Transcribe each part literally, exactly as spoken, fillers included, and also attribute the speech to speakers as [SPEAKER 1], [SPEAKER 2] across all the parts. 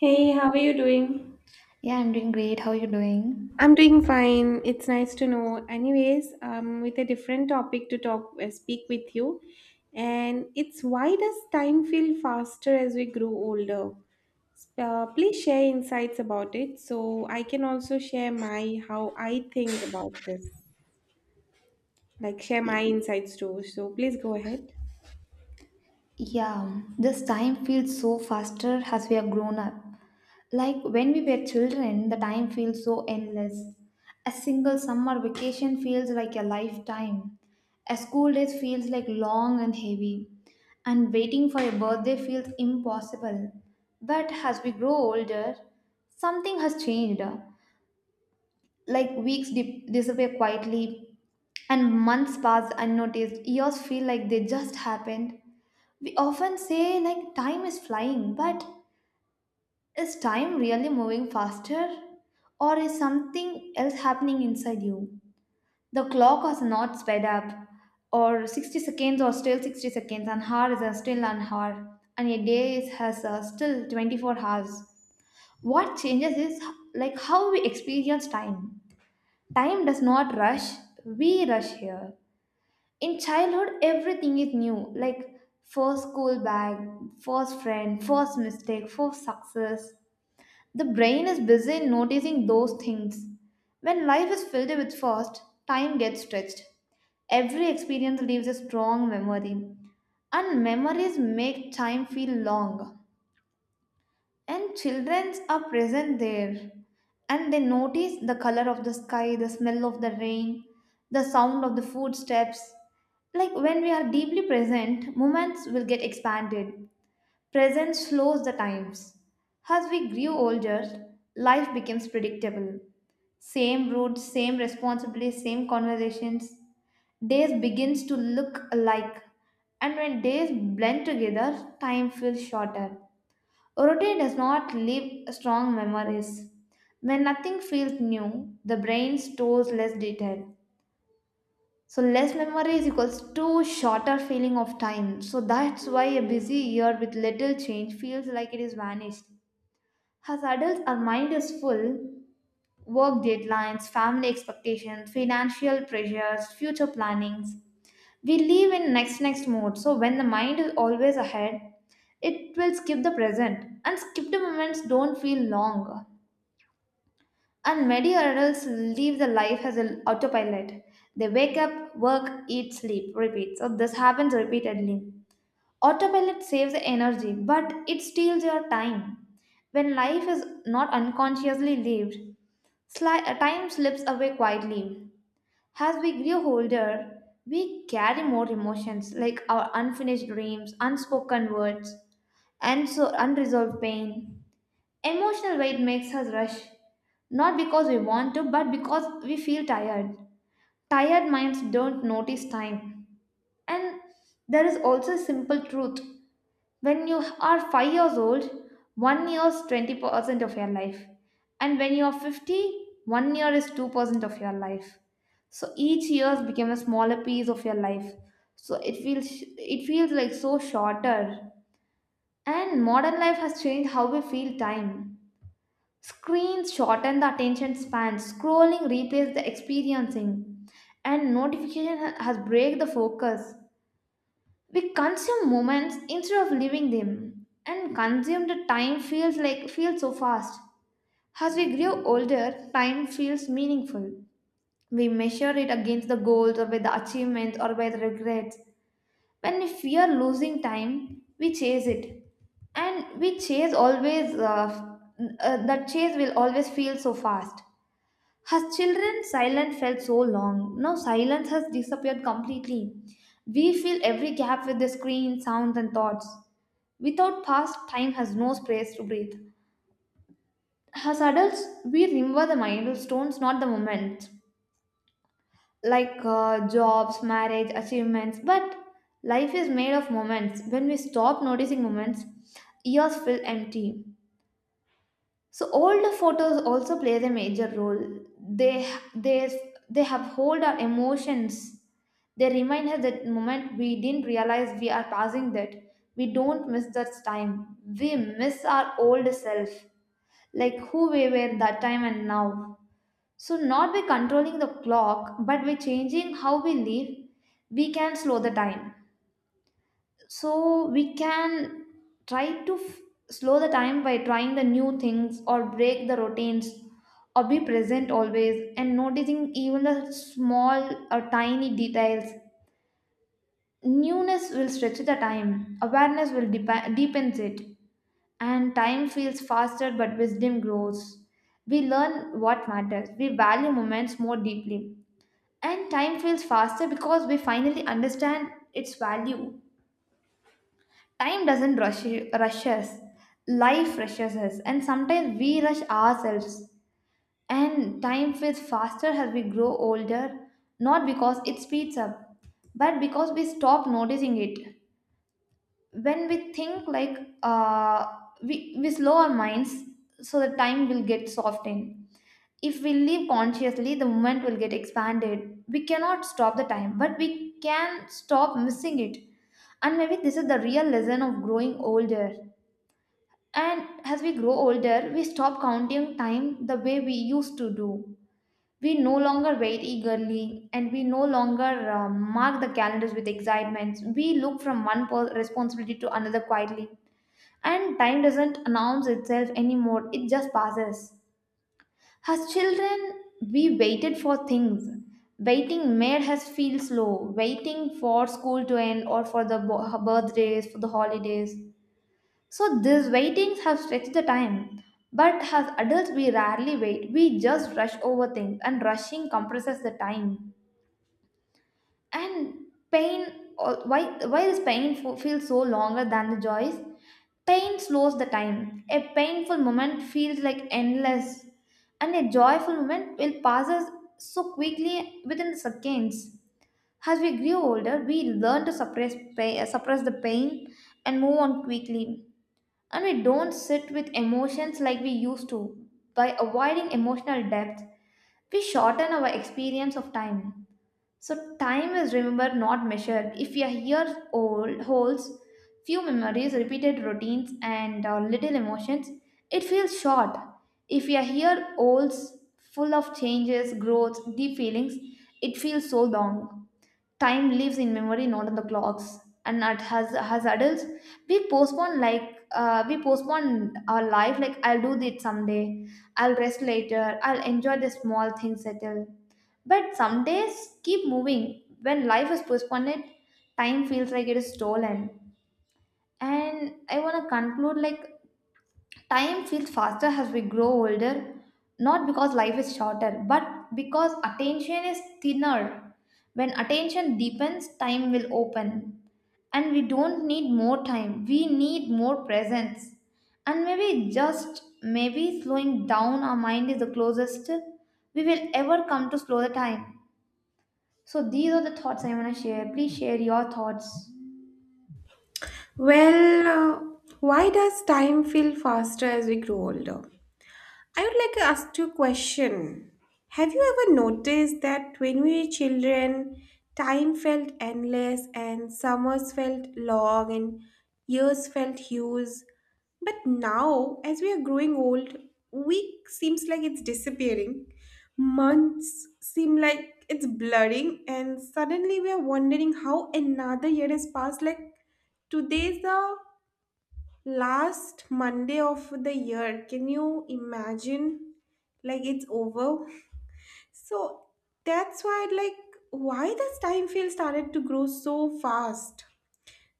[SPEAKER 1] Hey, how are you doing?
[SPEAKER 2] Yeah, I'm doing great. How are you
[SPEAKER 1] I'm
[SPEAKER 2] doing?
[SPEAKER 1] doing fine. It's nice to know. Anyways, um, with a different topic to talk, uh, speak with you, and it's why does time feel faster as we grow older? Uh, please share insights about it, so I can also share my how I think about this, like share my insights too. So please go ahead.
[SPEAKER 2] Yeah, this time feels so faster as we are grown up. Like when we were children, the time feels so endless. A single summer vacation feels like a lifetime. A school day feels like long and heavy. And waiting for a birthday feels impossible. But as we grow older, something has changed. Like weeks dip- disappear quietly, and months pass unnoticed. Years feel like they just happened, we often say like time is flying, but is time really moving faster? Or is something else happening inside you? The clock has not sped up, or sixty seconds are still sixty seconds, and hour is uh, still an hour, and a day is- has uh, still twenty-four hours. What changes is like how we experience time. Time does not rush, we rush here. In childhood everything is new, like first school bag, first friend, first mistake, first success. The brain is busy in noticing those things. When life is filled with first, time gets stretched. Every experience leaves a strong memory, and memories make time feel long. And children are present there, and they notice the color of the sky, the smell of the rain, the sound of the footsteps. Like when we are deeply present, moments will get expanded. Presence slows the times. As we grew older, life becomes predictable. Same routes, same responsibilities, same conversations. Days begins to look alike. And when days blend together, time feels shorter. Routine does not leave strong memories. When nothing feels new, the brain stores less detail. So less memory is equals to shorter feeling of time. So that's why a busy year with little change feels like it is vanished. As adults, our mind is full. Work deadlines, family expectations, financial pressures, future plannings. We live in next next mode. So when the mind is always ahead, it will skip the present, and skip the moments don't feel long. And many adults live the life as an autopilot. They wake up, work, eat, sleep, repeat. So this happens repeatedly. Autopilot saves energy, but it steals your time. When life is not unconsciously lived, sli- uh, time slips away quietly. As we grow older, we carry more emotions, like our unfinished dreams, unspoken words, and so unresolved pain. Emotional weight makes us rush, not because we want to, but because we feel tired. Tired minds don't notice time. And there is also a simple truth. When you are five years old, one year is twenty percent of your life. And when you are fifty, one year is two percent of your life. So each year became a smaller piece of your life. So it feels it feels like so shorter. And modern life has changed how we feel time. Screens shorten the attention span. Scrolling replaces the experiencing, and notification ha- has break the focus. We consume moments instead of living them, and consumed time feels like feels so fast. As we grow older, time feels meaningful. We measure it against the goals, or by the achievements, or by the regrets. When we fear losing time, we chase it, and we chase always. Uh, uh, that chase will always feel so fast. As children, silence felt so long. Now silence has disappeared completely. We fill every gap with the screen, sounds, and thoughts. Without past, time has no space to breathe. As adults, we remember the milestones, not the moments. Like uh, jobs, marriage, achievements. But life is made of moments. When we stop noticing moments, years feel empty. So older photos also plays a major role. They they they have hold our emotions. They remind us that moment we didn't realize we are passing that. We don't miss that time. We miss our old self, like who we were that time and now. So not by controlling the clock, but by changing how we live, we can slow the time, so we can try to f- slow the time by trying the new things, or break the routines, or be present always and noticing even the small or tiny details. Newness will stretch the time, awareness will deep- deepens it, and time feels faster but wisdom grows. We learn what matters, we value moments more deeply, and time feels faster because we finally understand its value. Time doesn't rush, rush us, life rushes us, and sometimes we rush ourselves. And time feels faster as we grow older, not because it speeds up, but because we stop noticing it. When we think like uh, we, we slow our minds, so the time will get softened. If we live consciously, the moment will get expanded. We cannot stop the time, but we can stop missing it. And maybe this is the real lesson of growing older. And as we grow older, we stop counting time the way we used to do. We no longer wait eagerly, and we no longer uh, mark the calendars with excitement. We look from one po- responsibility to another quietly. And time doesn't announce itself anymore, it just passes. As children, we waited for things. Waiting made us feel slow. Waiting for school to end, or for the bo- birthdays, for the holidays, so these waitings have stretched the time. But as adults, we rarely wait. We just rush over things, and rushing compresses the time. And pain, al- why why this pain fo- feels so longer than the joys? Pain slows the time. A painful moment feels like endless, and a joyful moment will passes so quickly within seconds. As we grew older, we learn to suppress pa- suppress the pain and move on quickly, and we don't sit with emotions like we used to. By avoiding emotional depth, we shorten our experience of time. So, time is remembered, not measured. If a year old holds few memories, repeated routines, and uh, little emotions, it feels short. If a year olds full of changes, growth, deep feelings, it feels so long. Time lives in memory, not in the clocks. And at has as adults we postpone like uh, we postpone our life, like I'll do this someday, I'll rest later, I'll enjoy the small things settle, but some days keep moving. When life is postponed, time feels like it is stolen. And I want to conclude like, time feels faster as we grow older, not because life is shorter, but because attention is thinner. When attention deepens, time will open. And we don't need more time, we need more presence. And maybe, just maybe, slowing down our mind is the closest we will ever come to slow the time. So these are the thoughts I want to share. Please share your thoughts.
[SPEAKER 1] Well, uh, why does time feel faster as we grow older? I would like to ask you a question. Have you ever noticed that when we were children, time felt endless and summers felt long and years felt huge? But now, as we are growing old, week seems like it's disappearing. Months seem like it's blurring, and suddenly we are wondering how another year has passed like today's the Last Monday of the year, can you imagine? Like it's over. So that's why, like, why this time feel started to grow so fast.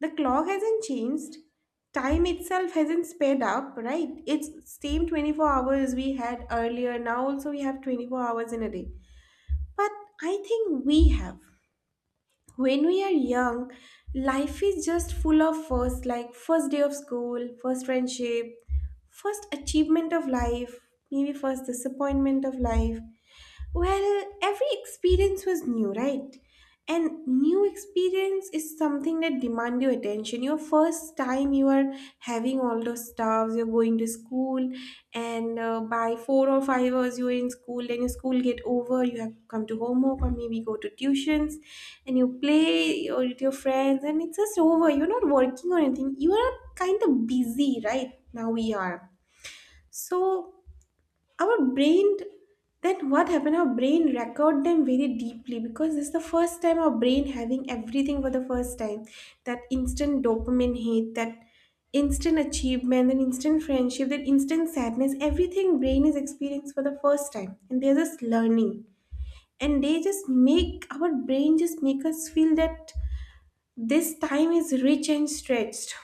[SPEAKER 1] The clock hasn't changed. Time itself hasn't sped up, right? It's same twenty-four hours we had earlier. Now also we have twenty-four hours in a day. But I think we have when we are young, life is just full of first, like first day of school, first friendship, first achievement of life, maybe first disappointment of life. Well, every experience was new, right? And new experience is something that demand your attention. Your first time you are having all those stuffs, you're going to school, and uh, by four or five hours you're in school, then your school get over, you have to come to homework or maybe go to tuitions, and you play or with your friends and it's just over. You're not working or anything, you are kind of busy. Right now we are, so our brain, then what happened, our brain record them very deeply because this is the first time our brain having everything for the first time. That instant dopamine hit, that instant achievement, that instant friendship, that instant sadness, everything brain is experienced for the first time and they're just learning, and they just make our brain just make us feel that this time is rich and stretched.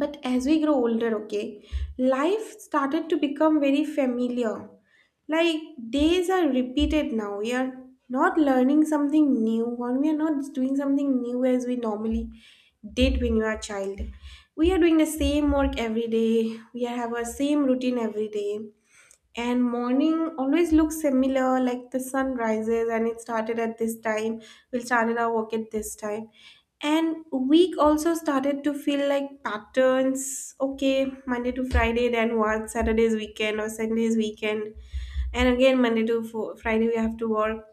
[SPEAKER 1] But as we grow older, okay, life started to become very familiar. Like days are repeated now. We are not learning something new, or we are not doing something new as we normally did when you are a child. We are doing the same work every day. We have our same routine every day, and morning always looks similar, like the sun rises and it started at this time, we'll started our work at this time, and week also started to feel like patterns. Okay, Monday to Friday, then what, Saturday's weekend or Sunday's weekend, and again Monday to fo- Friday we have to work,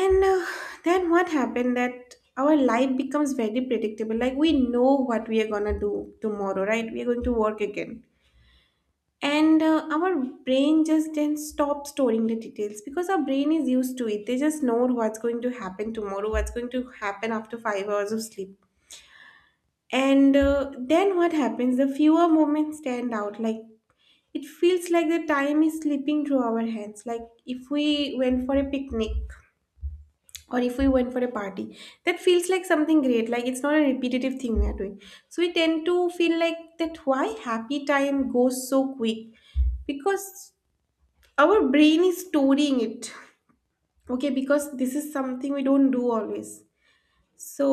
[SPEAKER 1] and uh, then what happened that our life becomes very predictable, like we know what we are gonna do tomorrow, right? We are going to work again, and uh, our brain just then stops storing the details because our brain is used to it, they just know what's going to happen tomorrow, what's going to happen after five hours of sleep, and uh, then what happens, the fewer moments stand out. Like it feels like the time is slipping through our hands. Like if we went for a picnic or if we went for a party, that feels like something great, like it's not a repetitive thing we are doing. So we tend to feel like that, why happy time goes so quick? Because our brain is storing it, okay, because this is something we don't do always. So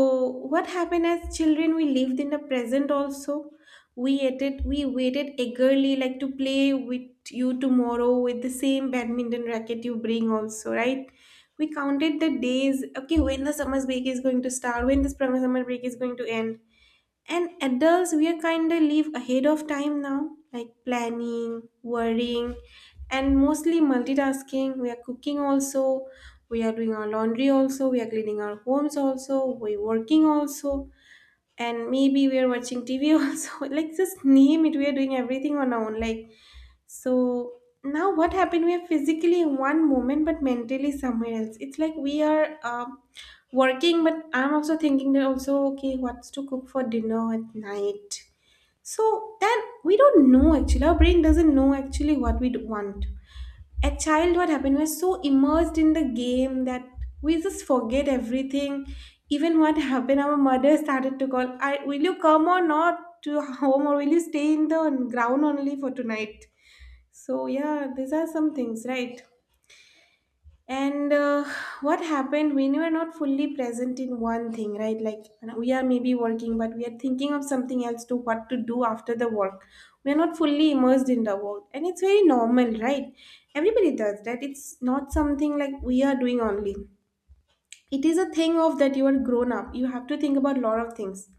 [SPEAKER 1] what happened, as children, we lived in the present also. We ate it, we waited eagerly like to play with you tomorrow with the same badminton racket you bring also, right? We counted the days, okay, when the summer break is going to start, when this summer break is going to end. And adults, we are kind of live ahead of time now, like planning, worrying, and mostly multitasking. We are cooking also, we are doing our laundry also, we are cleaning our homes also, we're working also, and maybe we are watching T V also. Like just name it, we are doing everything on our own. Like, so now what happened? We are physically in one moment, but mentally somewhere else. It's like we are um, working, but I'm also thinking that also, okay, what's to cook for dinner at night? So then we don't know actually. Our brain doesn't know actually what we want. At childhood happened, we're so immersed in the game that we just forget everything. Even what happened, our mother started to call, I, will you come or not to home, or will you stay in the ground only for tonight? So yeah, these are some things, right? And uh, What happened when you are not fully present in one thing, right? Like you know, we are maybe working, but we are thinking of something else to what to do after the work. We are not fully immersed in the work, and it's very normal, right? Everybody does that. It's not something like we are doing only. It is a thing of that you are grown up. You have to think about a lot of things.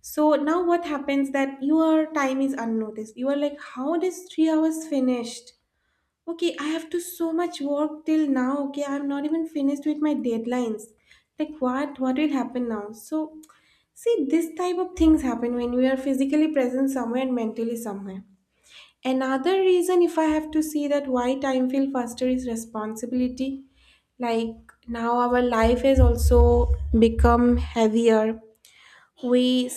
[SPEAKER 1] So now what happens that your time is unnoticed. You are like, how does three hours finished? Okay, I have to so much work till now. Okay, I'm not even finished with my deadlines. Like what? What will happen now? So see, this type of things happen when we are physically present somewhere and mentally somewhere. Another reason, if I have to see that why time feel faster, is responsibility. Like now, our life has also become heavier. We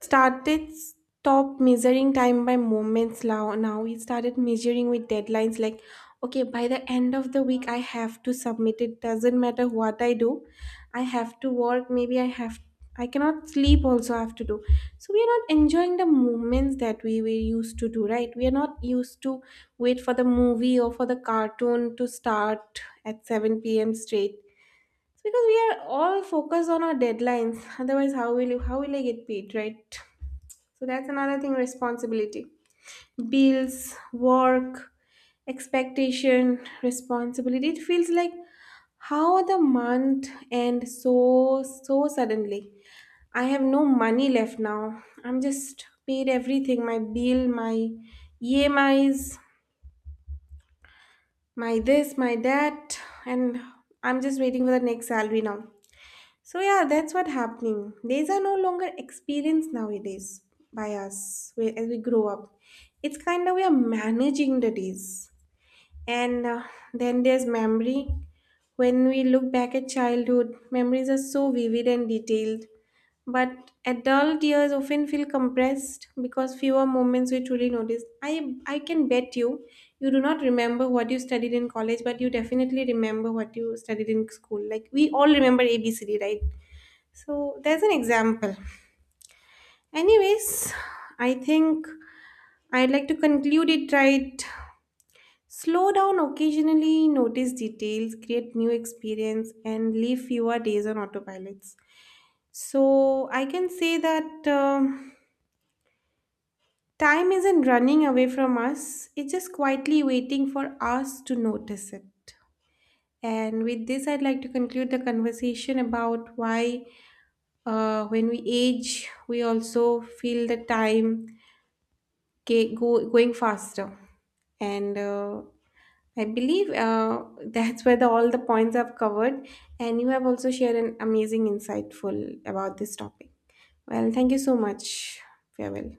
[SPEAKER 1] started stop measuring time by moments. Now, now we started measuring with deadlines, like okay, by the end of the week I have to submit, it doesn't matter what I do, I have to work, maybe I have, I cannot sleep also, I have to do. So we are not enjoying the moments that we were used to do, right? We are not used to wait for the movie or for the cartoon to start at seven p.m. straight. It's because we are all focused on our deadlines. Otherwise how will you, how will I get paid, right? So that's another thing, responsibility. Bills, work, expectation, responsibility. It feels like how the month end so so suddenly. I have no money left now. I'm just paid everything, my bill, my E M Is, my this, my that, and I'm just waiting for the next salary now. So yeah, that's what happening. These are no longer experienced nowadays by us we- as we grow up. It's kind of we are managing the days, and uh, then there's memory. When we look back at childhood, memories are so vivid and detailed. But adult years often feel compressed because fewer moments we truly notice. I I can bet you, you do not remember what you studied in college, but you definitely remember what you studied in school. Like we all remember A B C D, right? So there's an example. Anyways, I think I'd like to conclude it, right. Slow down occasionally, notice details, create new experience, and live fewer days on autopilots. So I can say that um, time isn't running away from us, it's just quietly waiting for us to notice it. And with this, I'd like to conclude the conversation about why, uh, when we age, we also feel the time ga- go, going faster, and uh, I believe uh, that's where the, all the points I've covered, and you have also shared an amazing insightful about this topic. Well, thank you so much. Farewell.